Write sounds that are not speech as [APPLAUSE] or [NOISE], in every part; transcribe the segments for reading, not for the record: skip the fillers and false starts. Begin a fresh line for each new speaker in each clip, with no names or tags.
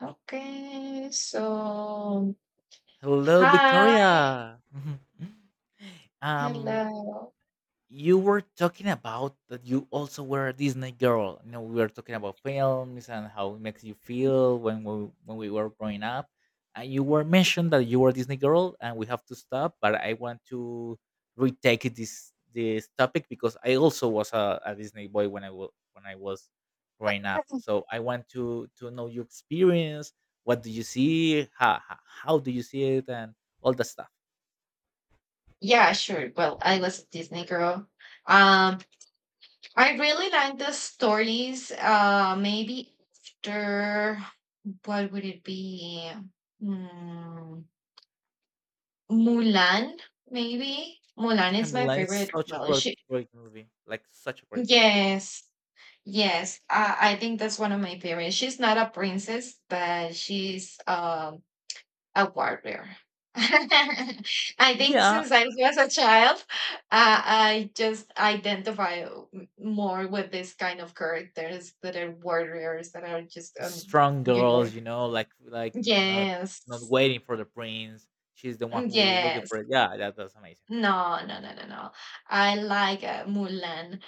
Okay, so
Hello,
hi,
Victoria. [LAUGHS] um,
hello.
you were talking about that you also were a Disney girl. You know, we were talking about films and how it makes you feel when we were growing up. And you were mentioned that you were a Disney girl, and we have to stop. But I want to retake this topic because I also was a Disney boy when I was growing up. So I want to know your experience. What do you see? How do you see it? And all that stuff.
Yeah, sure. Well, I was a Disney girl. Um, I really like the stories. Maybe after, what would it be? Hmm, Mulan, maybe. Mulan is
And
my
Mulan is
favorite.
such a
Well, she.
great movie. Like such a great movie.
Yes, yes. I think that's one of my favorites. She's not a princess, but she's a warrior. [LAUGHS] I think
Yeah,
since I was a child, I just identify more with this kind of characters that are warriors that are just,
strong
you know,
girls, you know, like not
yes,
waiting for the prince. She's the one
mm,
who looking
yes.
for it. Yeah, that was amazing.
No, no, no, no, no. I like Mulan.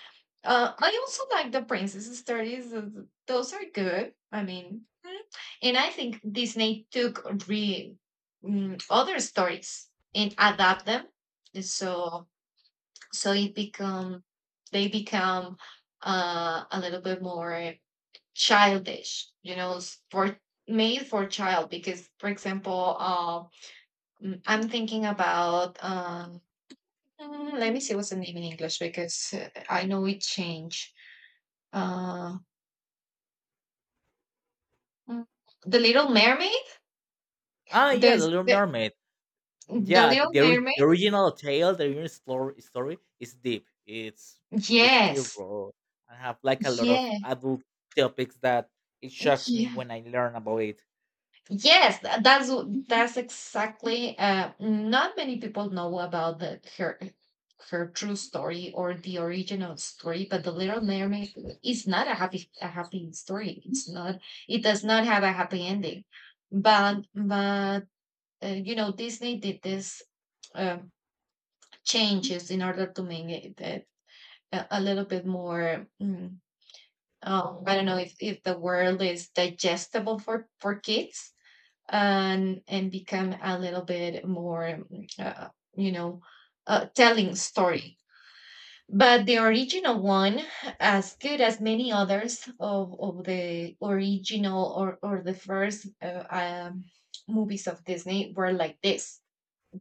I also like the princess stories. Those are good. I mean, mm, and I think Disney took re mm, other stories and adapt them. And so it become they become a little bit more childish, you know, for made for child. Because, for example, I'm thinking about let me see what's the name in English because I know it changed. Uh, Mm, The Little Mermaid?
Ah, yeah, the
There's
Little Mermaid.
the
Yeah,
Little Mermaid?
the original tale, the original story is deep. It's basically
Yes.
raw and have like a lot of
Yeah.
adult topics that it shocks me
Yeah.
when I learn about it.
Yes, that's that's exactly not many people know about the her true story or the original story, but the Little Mermaid is not a happy story. It's not, it does not have a happy ending. But you know, Disney did this uh, changes in order to make it a little bit more I don't know if the world is digestible for kids and become a little bit more uh, you know telling story, but the original one as good as many others of the original or the first movies of Disney were like this.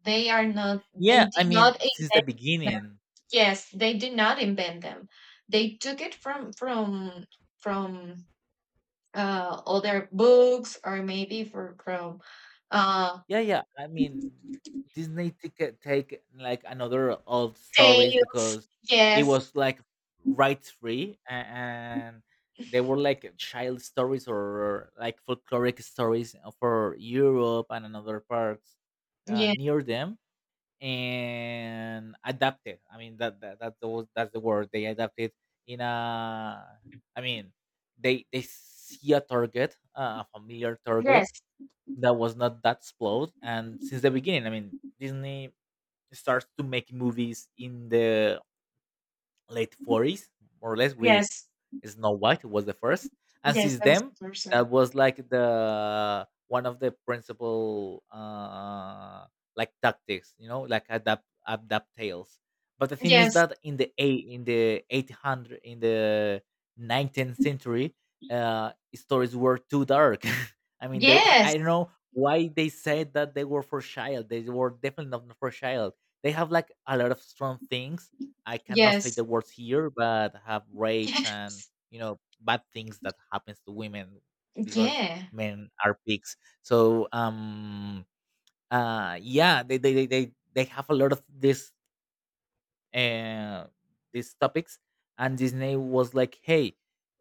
They are not, they
Yeah, I
did
mean,
not.
since the beginning.
Yes, they did not invent them. They took it from other books or maybe for from uh,
Yeah, yeah. I mean, Disney ticket take like another old stories
tales.
because it
Yes,
was like rights free and they were like child stories or like folkloric stories for Europe and another parts
yes,
near them. And adapted. I mean that that's the word they adapted in a. I mean, they see a target, a familiar
yes,
target that was not that spoiled, and since the beginning, I mean, Disney starts to make movies in the late 40s, more or less, with
yes,
Snow White was the first, and
yes.
since
That was
then
the person.
that was like the one of the principal like tactics, you know, like adapt tales. But the thing is
Yes,
that in the 800 in the nineteenth century, stories were too dark. [LAUGHS] I mean, there
yes,
I don't know why they said that they were for child. They were definitely not for child. They have like a lot of strong things. I cannot say the
yes,
words here, but have
[LAUGHS]
rapes and
yes.
you know bad things that happens to women because
Yeah.
men are pigs. So yeah, they have a lot of this uh these topics, and Disney was like, hey,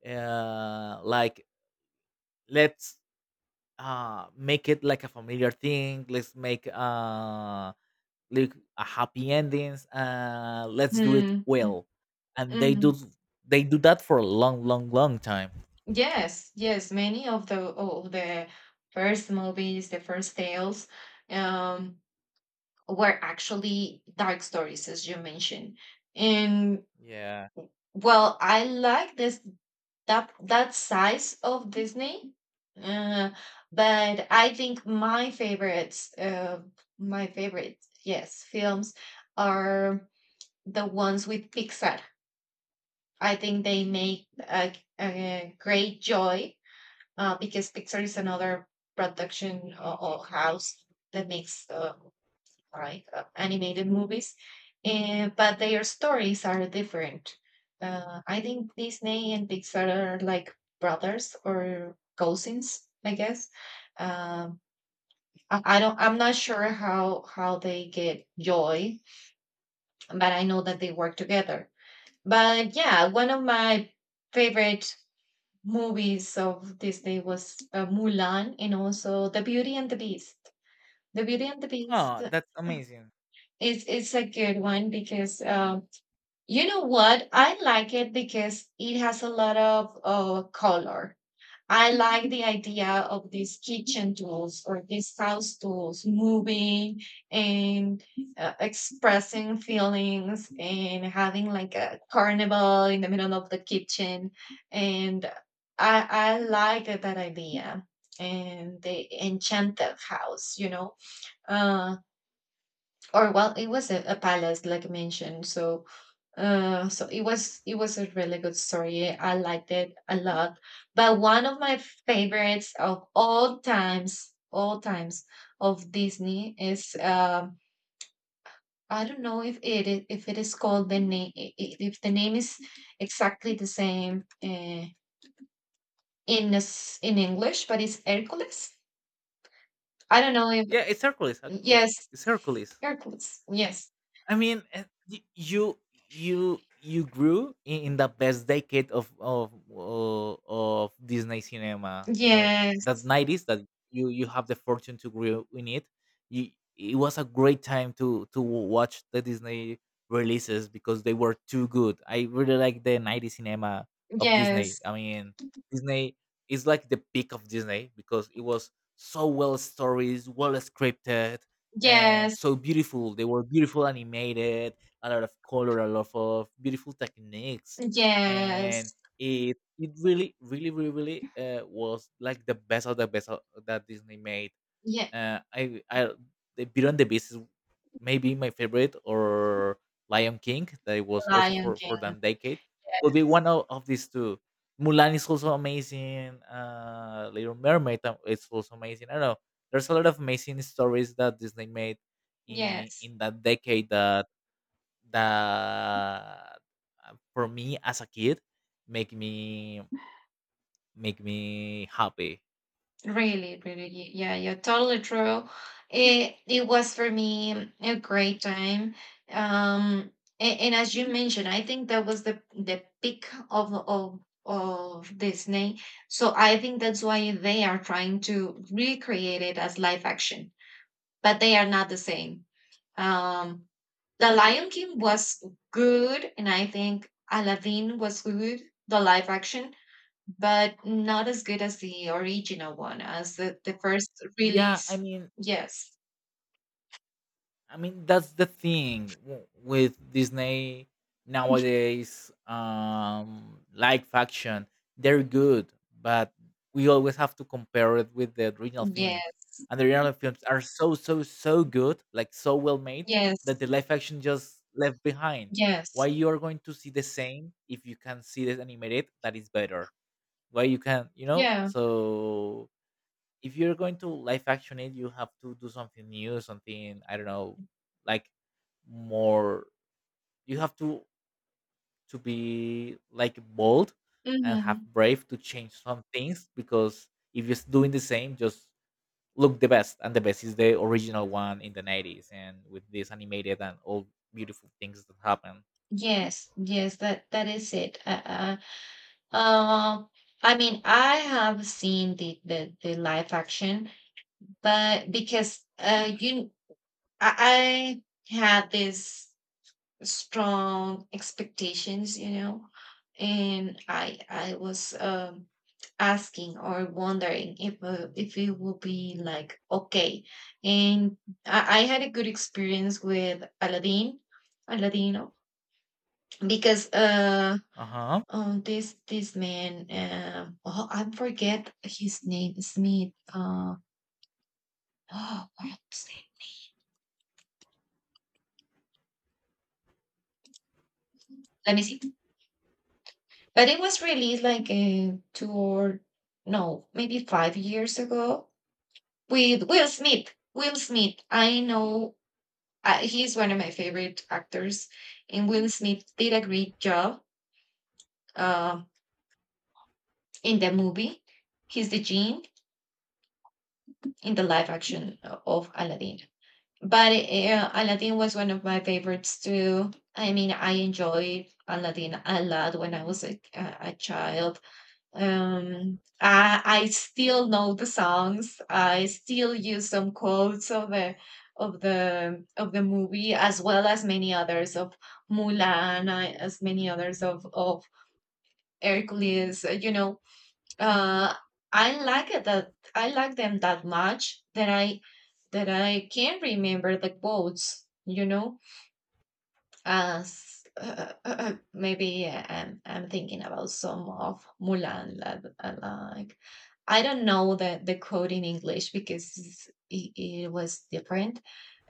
like let's make it like a familiar thing. Let's make like a happy endings. Let's do it
Hmm,
well, and
hmm.
they do that for a long long time.
Yes, yes. Many of the first movies, the first tales, um, were actually dark stories, as you mentioned. And
Yeah.
well, I like this, that that size of Disney, uh, but I think my favorites, my favorite, yes, films are the ones with Pixar. I think they make a great joy because Pixar is another production or house that makes animated movies, and, but their stories are different. I think Disney and Pixar are like brothers or cousins, I guess. Um, I don't. I'm not sure how they get joy, but I know that they work together. But yeah, one of my favorite movies of Disney was Mulan and also The Beauty and the Beast. The Beauty and the Beast
Oh, that's amazing.
is a good one because you know what? I like it because it has a lot of color. I like the idea of these kitchen tools or these house tools moving and expressing feelings and having like a carnival in the middle of the kitchen. And I like that idea and the enchanted house, you know, uh, or well, it was a palace, like I mentioned. So it was a really good story. I liked it a lot. But one of my favorites of all times of Disney is I don't know if it is called the name if the name is exactly the same in in English, but it's Hercules. I don't know if
Yeah, it's Hercules actually.
yes,
It's Hercules.
Hercules. Yes.
You you grew in the best decade of of Disney cinema. You know that
Yes.
nineties that you have the fortune to grow in it. You, it was a great time to watch the Disney releases because they were too good. I really like the 90s cinema of Disney.
Yes.
I mean, Disney is like the peak of Disney because it was so well stories, well scripted, and
Yes.
so beautiful. They were beautiful animated, a lot of color, a lot of beautiful techniques, and
Yes.
it really was like the best of, that Disney made.
Yeah,
I the Beauty and the Beast is maybe my favorite, or Lion King that it was also
Lion
for
King.
that decade. Will be one of these two. Mulan is also amazing. Little Mermaid is also amazing. I don't know. There's a lot of amazing stories that Disney made
Yes,
in that decade that that for me as a kid make me make me happy.
really, really. Yeah, you're totally true. It was for me a great time. Um, and as you mentioned, I think that was the peak of Disney. So I think that's why they are trying to recreate it as live action, but they are not the same. Um, The Lion King was good, and I think Aladdin was good, the live action, but not as good as the original one, as the first
yeah i
release.
mean
Yes,
I mean, that's the thing with Disney nowadays. Like faction, they're good, but we always have to compare it with the original films.
yes,
And the original films are so so good, like so well made, that
yes,
the live action just left behind. Why
yes,
you are going to see the same if you can see this animated that is better? Why you can, you know?
yeah.
So if you're going to live action it, you have to do something new, something I don't know, like more. You have to be like bold and have
Mm-hmm.
brave to change some things because if you're doing the same, just look the best, and the best is the original one in the '90s, and with this animated and all beautiful things that happen.
Yes, yes, that that is it. Uh, I mean, I have seen the live action, but because I, I had this strong expectations, you know, and I I was asking or wondering if it will be like okay. And I had a good experience with Aladdin, Aladino, because
Uh huh.
this this man oh, I forget his name, Smith. Oh what was it? Let me see, but it was released like two or no maybe 5 years ago with Will Smith. Will Smith, I know, he's one of my favorite actors, and Will Smith did a great job uh, in the movie. He's the genie in the live action of Aladdin. But Aladdin was one of my favorites too. I mean, I enjoyed Aladdin a lot when I was a child. I I still know the songs. I still use some quotes of the of the of the movie, as well as many others of Mulan, as many others of Hercules. You know, uh, I like it, that I like them that much that I can remember the quotes. You know, s- maybe I'm thinking about some of Mulan. Lab, like, I don't know the quote in English because it was different.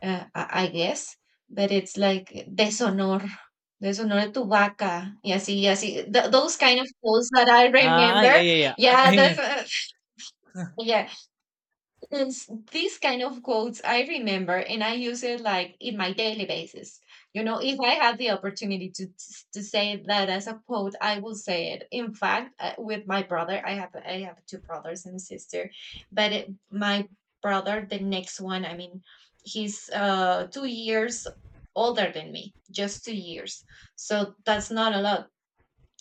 I guess, but it's like deshonor, deshonor tu vaca. Y así, y así. Those kind of quotes that I
Ah,
remember.
yeah. I
Yeah,
mean,
that's, [LAUGHS] yeah. It's these kind of quotes I remember and I use it like in my daily basis. You know, if I had the opportunity to say that as a quote, I will say it. In fact, with my brother, I have two brothers and a sister, but it, my brother, the next one, I mean, he's 2 years older than me, just 2 years. So that's not a lot,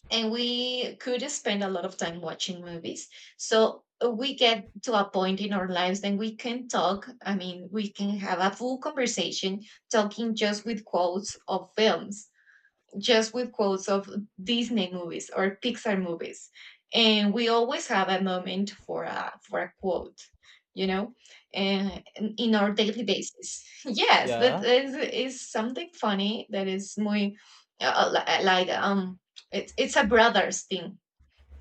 and we could spend a lot of time watching movies. So we get to a point in our lives then we can talk. I mean, we can have a full conversation talking just with quotes of films, just with quotes of Disney movies or Pixar movies. And we always have a moment for a quote, you know, and in our daily basis. [LAUGHS] Yes,
yeah,
that is something funny that is muy uh, uh, li- like um it's a brothers thing,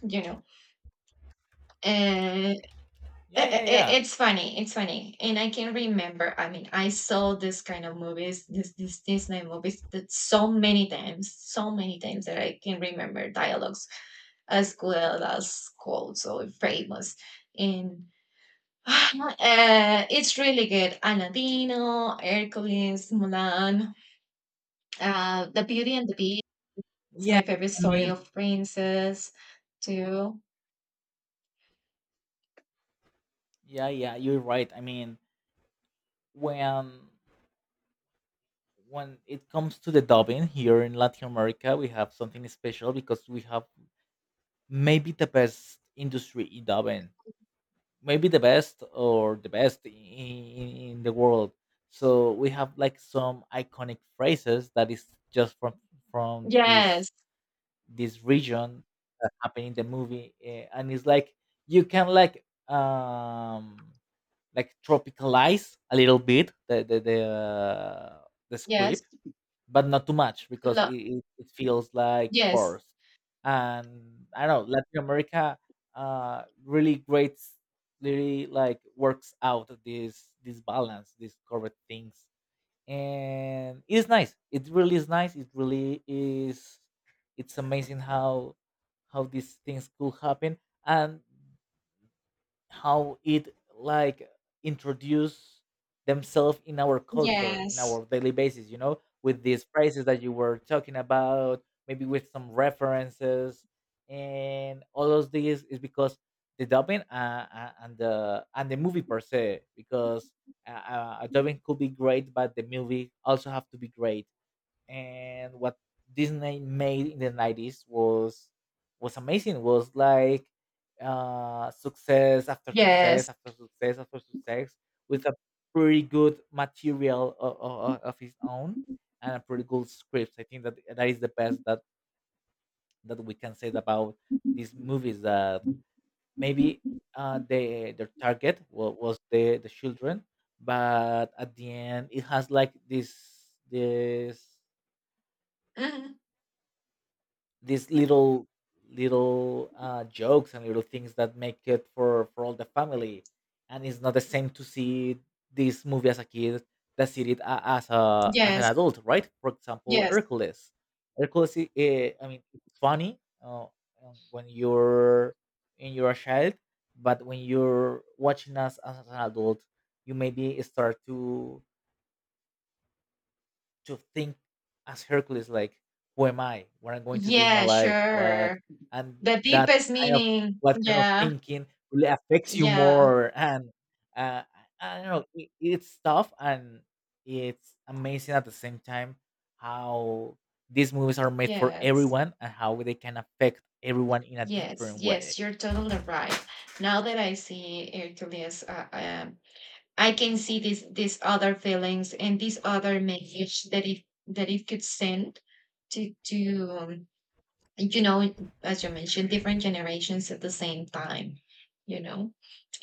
you know. And I-
yeah, yeah,
I-
yeah,
it's funny. It's funny, and I can remember. I mean, I saw this kind of movies, this Disney movies, that so many times that I can remember dialogues as well as quotes or famous. And [SIGHS] it's really good. Aladino, Hercules, Mulan, The Beauty and the Beast. It's
yeah.
my favorite
I
story
mean,
of princess too.
yeah. You're right. I mean, when when it comes to the dubbing here in Latin America, we have something special because we have maybe the best industry in dubbing, maybe the best or the best in the world. So we have like some iconic phrases that is just from from this
Yes,
this region that happened in the movie, and it's like you can like tropicalize a little bit the
yes,
script but not too much because
lo-
it feels like
yes,
forced. And I don't know, Latin America really great, really like works out this balance, these correct things, and it's nice. It really is nice. It really is. It's amazing how these things could happen, and how it like introduce themselves in our culture in
yes.
our daily basis, you know, with these phrases that you were talking about, maybe with some references. And all of these is because the dubbing and the movie per se because dubbing could be great but the movie also have to be great, and what Disney made in the 90s was amazing. Was like
Yes.
success after success with a pretty good material of his own and a pretty good script. I think that is the best that we can say about these movies that maybe their target was the children, but at the end it has like this
Mhm.
these little jokes and little things that make it for all the family. And it's not the same to see this movie as a kid that see it as a as an
Yes.
adult, right? For example,
Yes.
hercules I mean, it's funny, um, when you're when you're a child, but when you're watching us as an adult, you maybe start to think as Hercules, like, who am I? What I'm going to do in my
Yeah,
life? What,
sure.
and
The
that
deepest
kind of,
meaning.
what kind of
Yeah.
thinking really affects you
Yeah.
more. And I don't know, it, it's tough and it's amazing at the same time how these movies are made for
Yes.
everyone and how they can affect everyone in a
Yes.
different way.
Yes. You're totally right. Now that I see Hercules, I can see these other feelings and this other message that it could send to you know, as you mentioned, different generations at the same time, you know.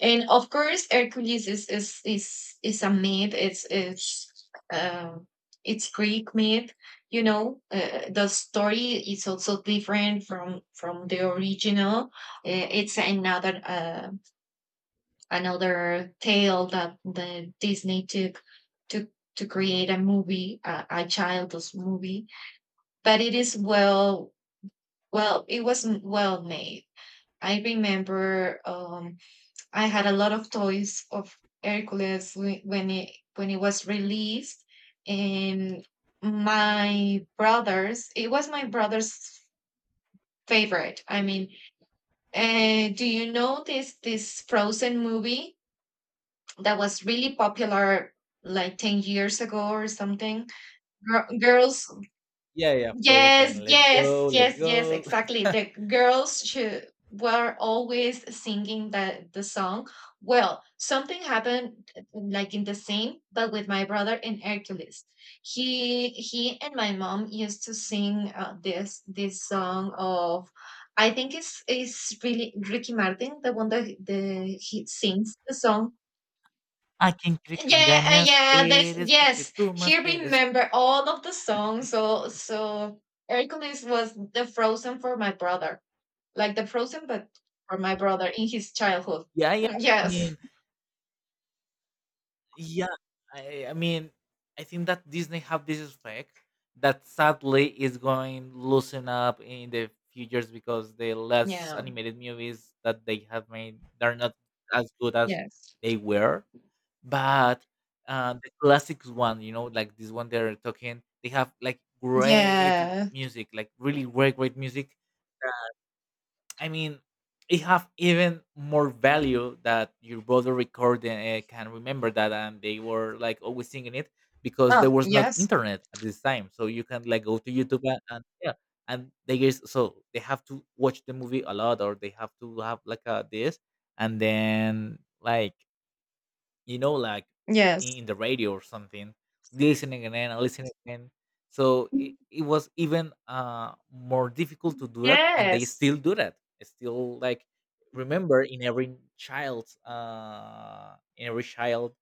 And of course, Hercules is a myth. It's it's Greek myth. You know, the story is also different from the original. It's another another tale that the Disney took to to create a movie, a child's movie. But it is well, well, it wasn't well made. I remember I had a lot of toys of Hercules when it was released, and my brothers. It was my brother's favorite. I mean, do you know this this Frozen movie that was really popular like 10 years ago or something? Girls,
Yeah,
yes,
Frozen, let
yes,
go, let
yes, yes,
go.
exactly. The
[LAUGHS]
girls should were always singing the song. Well, something happened like in the same, but with my brother in Hercules. He and my mom used to sing this this song of, I think it's really Ricky Martin, the one that the he sings the song.
¿A quién crees que
Yeah,
engañas?
yeah, this,
Eres lo que
yes.
tú más
He
quieres. [LAUGHS]
remember all of the songs. So so Hercules was the Frozen for my brother. Like the Frozen but for my brother in his childhood.
Yeah.
Hmm,
I
yes.
mean, yeah, I mean, I think that Disney have this effect that sadly is going loosen up in the futures because the less
Yeah.
animated movies that they have made they're not as good as
Yes.
they were. But the classics one, you know, like this one they're talking, they have like great
Yeah.
music, like really great music. I mean, it have even more value that your brother recording can remember that, and they were like always singing it because there
Oh,
was not
yes.
internet at this time, so you can like go to YouTube and yeah, and they is so they have to watch the movie a lot, or they have to have like a this, and then like, you know, like
Yes.
in the radio or something, listening again and listening again. So it was even more difficult to do that, and they
Yes.
still do that. It's still like remember in every child's in every child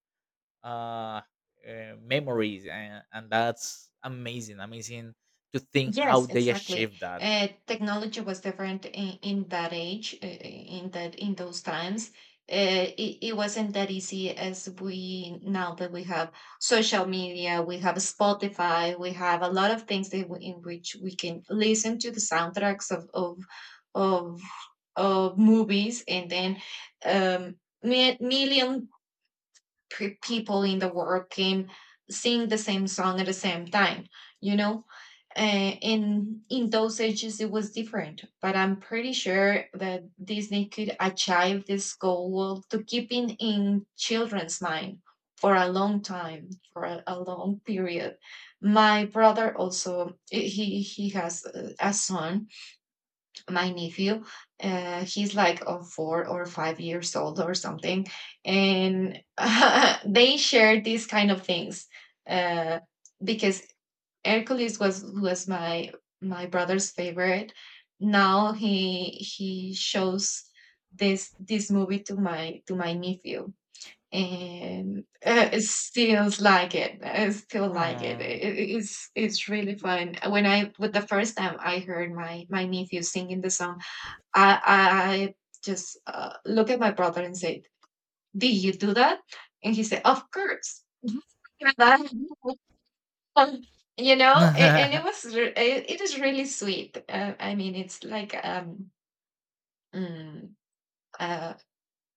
uh, memories, and that's amazing, amazing to think how
Yes,
they
exactly.
achieved that.
Technology was different in that age, in that in those times. It wasn't that easy as we now that we have social media, we have Spotify, we have a lot of things that we, in which we can listen to the soundtracks of, of movies, and then um, million people in the world can sing the same song at the same time. You know and in those ages it was different, but I'm pretty sure that Disney could achieve this goal to keeping in children's mind for a long time, for a long period. My brother also he has a son, my nephew. Uh, he's like 4 or 5 years old or something, and [LAUGHS] they share these kind of things uh, because Hercules was my brother's favorite. Now he shows this movie to my nephew, and it still like it. I still like it.
Mm.
It's really fun. When I with the first time I heard my nephew singing the song, I just look at my brother and said, "Did you do that?" And he said, "Of course." [LAUGHS] Um, you
[LAUGHS]
know a- and
Oh
it was it is really sweet, I mean it's like mm, uh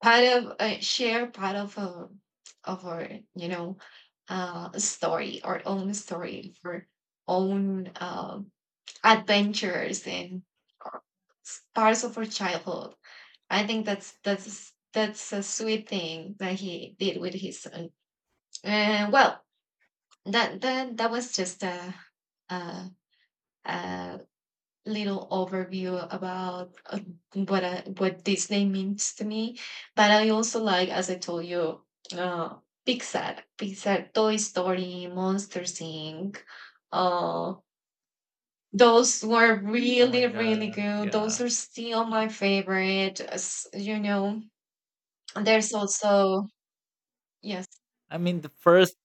part of share part of a of our, you know story, our own story for own adventures and our- parts of our childhood. I think that's a sweet thing that he did with his son. And well, that was just a. uh little overview about what what this name means to me. But I also like, as I told you, uh, Toy Story, Monster Inc. Uh, those were really,
my
really
god,
good.
yeah.
Those are still my favorite. As You know, there's also yes,
I mean, the first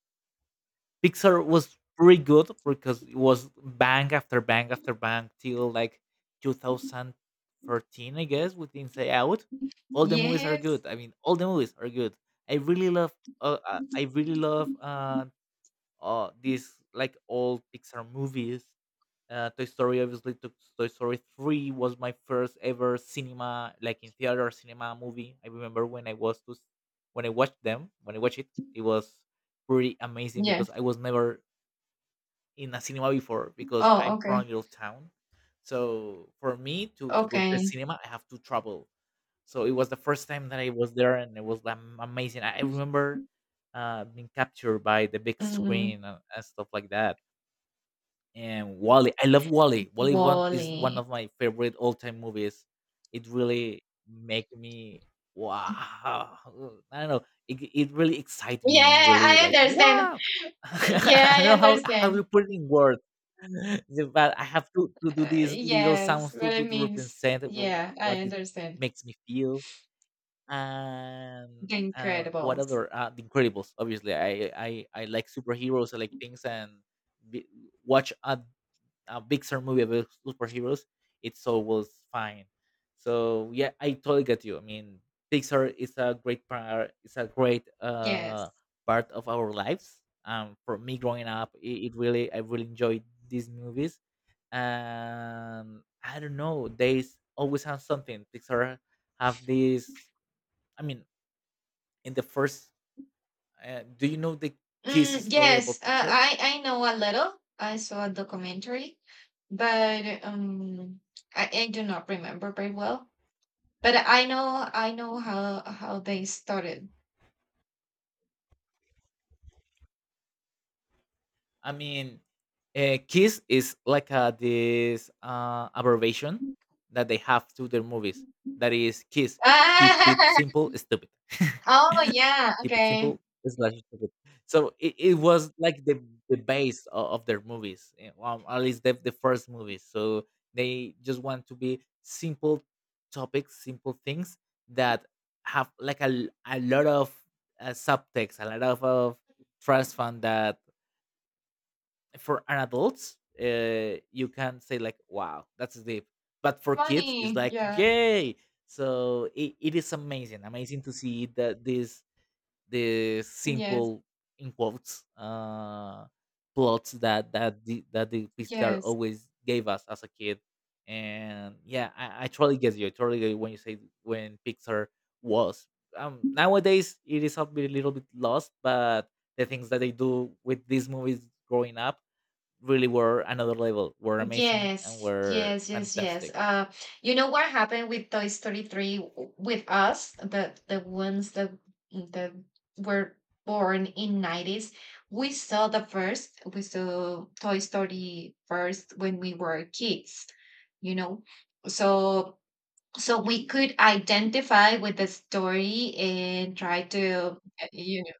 Pixar was pretty good because it was bang till like 2013, I guess, with Inside Out. All the movies are
yes,
good. I mean, all the movies are good. I really love. I really love these like old Pixar movies. Toy Story, obviously, Toy Story Three was my first ever cinema, like in theater cinema movie. I remember when I was to, when I watched them, when I watched it, it was pretty amazing
yeah.
because I was never in a cinema before because
Oh,
I'm from a
okay,
little town. So for me to go to a
okay.
cinema, I have to travel. So it was the first time that I was there, and it was amazing. I remember being captured by the big
mm
screen and stuff like that. And Wally. I love Wally. Wally one is one
Wally.
of my favorite all time movies. It really make me wow. I don't know. It really excites
Yeah,
me and really
I
like
understand.
wow. [LAUGHS]
Yeah,
I
I
don't know how to
understand.
put it in words, [LAUGHS] but I have to do these little
Yes,
sounds to,
what
to,
it
to
means.
represent
Yeah, I
what it
understand.
makes me feel. And
The
what
Incredibles.
other The Incredibles? Obviously, I like superheroes. I like things and be, watch a Pixar movie about superheroes, it's always fine. So yeah, I totally get you. I mean, Pixar is a great part. It's a great
Yes.
part of our lives. For me growing up, it really I really enjoyed these movies. I don't know. They always have something. Pixar have this. I mean, in the first, do you know the kiss
Mm,
story
yes,
about Pixar?
I know a little. I saw a documentary, but I do not remember very well. But I know how they started.
I mean, Kiss is like this abbreviation
[LAUGHS]
that they have to their movies. That is Kiss. Keep it
Ah,
simple, stupid. [LAUGHS]
oh yeah,
Keep it
okay.
simple, slash stupid. So it was like the base of their movies, eh, well, at least the first movies. So they just want to be simple topics, simple things that have like a lot of subtext, a lot of trust fund that for an adults, you can say like, "Wow, that's deep," but for kids, it's
Funny.
like,
Yeah.
"Yay!" So it is amazing, amazing to see that this
Yes.
simple in quotes plots that that the Pixar
Yes.
always gave us as a kid. And yeah, I totally get you. I totally get you when you say when Pixar was. Nowadays it is a little bit lost, but the things that they do with these movies growing up really were another level, were amazing and
Yes,
were
yes, yes, yes.
fantastic.
You know what happened with Toy Story 3 with us, the ones that that were born in 90s. We saw the first, we saw Toy Story first when we were kids, you know. So so we could identify with the story and try to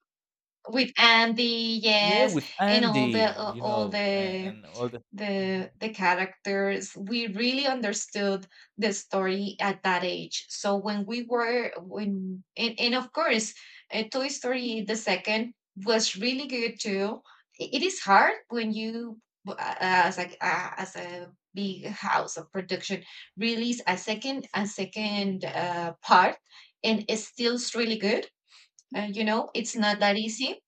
with Andy,
Yeah,
yes,
with
and all the
Andy, you
all
know,
the
and all the mhm,
the the characters we really understood the story at that age. So when we were when, and of course, Toy Story the second was really good too. It is hard when you as like, as a big house of production, release a second part, and it still's really good. It's not that easy.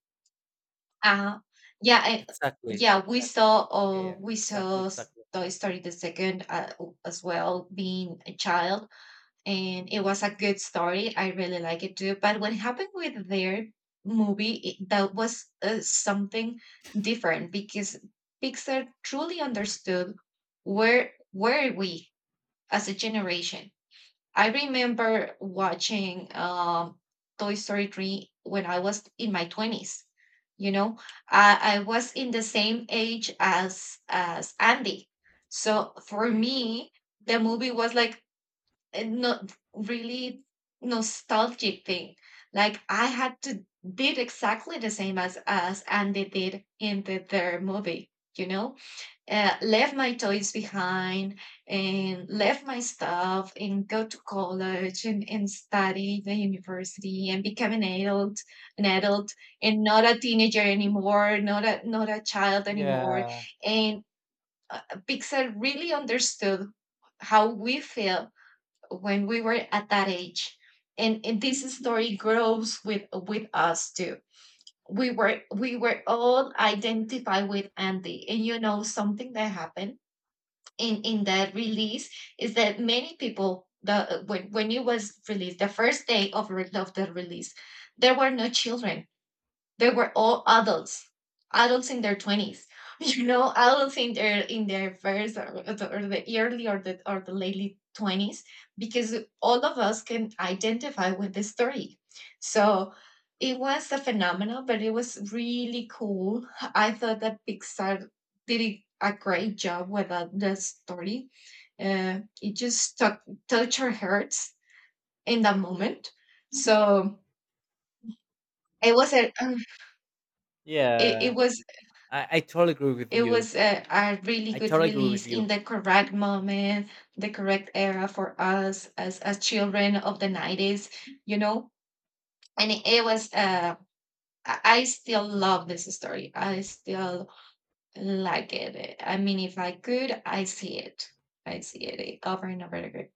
Uh-huh. Yeah,
exactly,
yeah, we
exactly.
saw
Yeah,
uh,
yeah,
we
exactly,
saw
exactly.
Toy Story the second, as well, being a child, and it was a good story. I really like it too. But what happened with their movie, that was something different because Pixar truly understood where we, as a generation. I remember watching Toy Story 3 when I was in my 20s. You know, I was in the same age as Andy. So for me, the movie was like a not really nostalgic thing. Like I had to did exactly the same as Andy did in their movie, you know? Uh, left my toys behind and left my stuff and go to college, and study the university and become an adult, an adult and not a teenager anymore, not a child anymore.
Yeah,
And uh, Pixar really understood how we feel when we were at that age, and this story grows with us too. We were all identified with Andy, and you know something that happened in that release is that many people, the when it was released the first day of of the release, there were no children. They were all adults, adults in their twenties. [LAUGHS] You know, adults in their first or, the early or the late 20s, because all of us can identify with the story. So it was a phenomenon, but it was really cool. I thought that Pixar did a great job with that the story. It just stuck, touched our hearts in that moment. So it was a [SIGHS] it,
yeah.
it was
I totally agree with
It
you.
was a really
I
good
totally agree with
release in
you.
the correct moment, the correct era for us as children of the 90s, you know? And it was I still love this story. I still like it. I mean, if I could, I see it. I see it over and over again.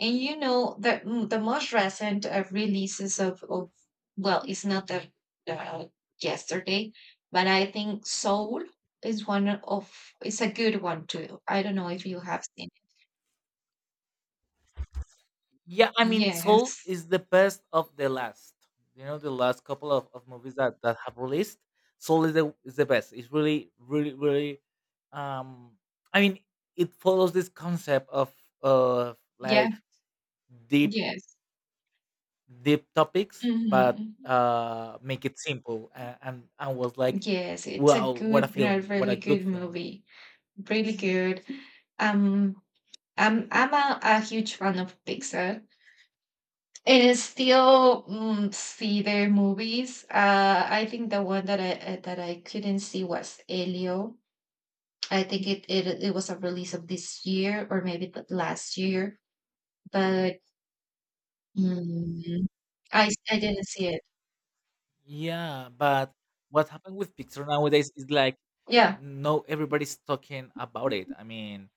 And you know the most recent releases of, well, it's not the, uh, yesterday, but I think Soul is one of it's a good one too. I don't know if you have seen it.
Yeah, I mean, Soul
Yes.
is the best of the last. You know, the last couple of movies that, that have released, Soul is the best. It's really, really, really. Um, I mean, it follows this concept of like
Yeah.
deep,
Yes.
deep topics, but
Hmm.
make it simple. And I was like,
Yes, it's a
wow, what a
good, a
film! What a
really
good
good
film.
movie. Really good. Um, I'm a huge fan of Pixar. It is still see their movies. I think the one that I couldn't see was Elio. I think it was a release of this year or maybe the last year, but mm, I didn't see it.
Yeah, but what happened with Pixar nowadays is like,
Yeah.
no, everybody's talking about it. I mean,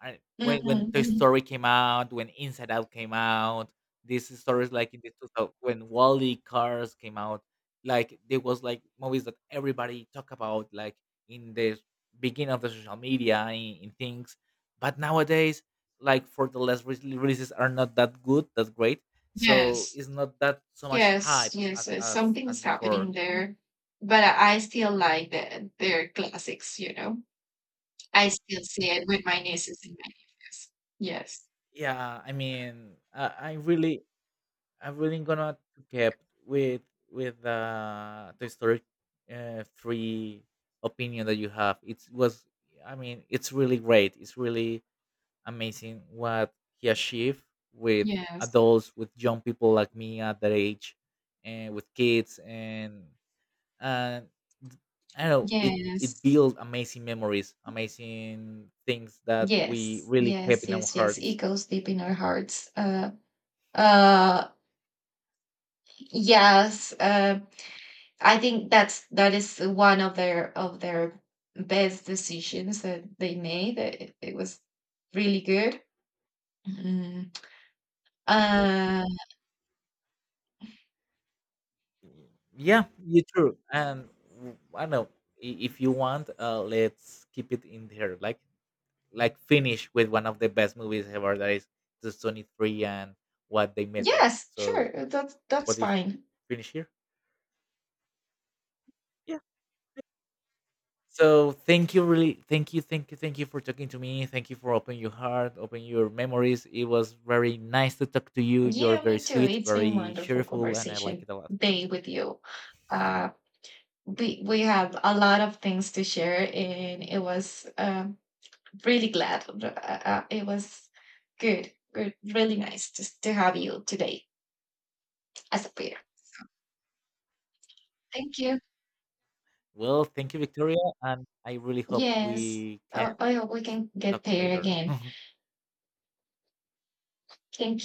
I when
Mm-hmm,
Toy
hmm.
Story came out, when Inside Out came out, these stories like in the 2000 when Wally Cars came out, like there was like movies that everybody talk about, like in the beginning of the social media in things. But nowadays, like for the last releases are not that good, that great. So
Yes,
it's not that so much
yes,
hype as
yes.
as as
Something's
before.
happening there, but I still like their classics. You know, I still see it with my nieces and my nephews. Yes,
Yeah, I mean, I really I'm really gonna keep kept with the Toy Story three opinion that you have. It was, I mean, it's really great. It's really amazing what he achieved with
yes,
adults, with young people like me at that age, and with kids, and I don't know it it
yes.
built amazing memories, amazing things that we
Yes,
really kept
yes,
in our
yes, yes. It
hearts.
goes deep in our hearts. Uh, yes. I think that is one of their best decisions that they made. It was really good. Mm. Uh,
Yeah, you true. And I don't know if you want, let's keep it in there. Like finish with one of the best movies ever. That is the Sony Three and what they made us.
yes,
So
sure. That's
what do you think?
fine.
Finish here. Yeah. So thank you, really, thank you, thank you, thank you for talking to me. Thank you for opening your heart, opening your memories. It was very nice to talk to you. You're
Yeah,
very
me too.
sweet,
It's been
very
wonderful
cheerful, and I like
conversation
it a lot.
day with you. Uh, we have a lot of things to share, and it was really glad. It was good, really nice to have you today as a pair. Thank you.
Well, thank you, Victoria, and I really hope
Yes,
we can.
I hope we can get
Stuck
pair
later.
again.
[LAUGHS]
Thank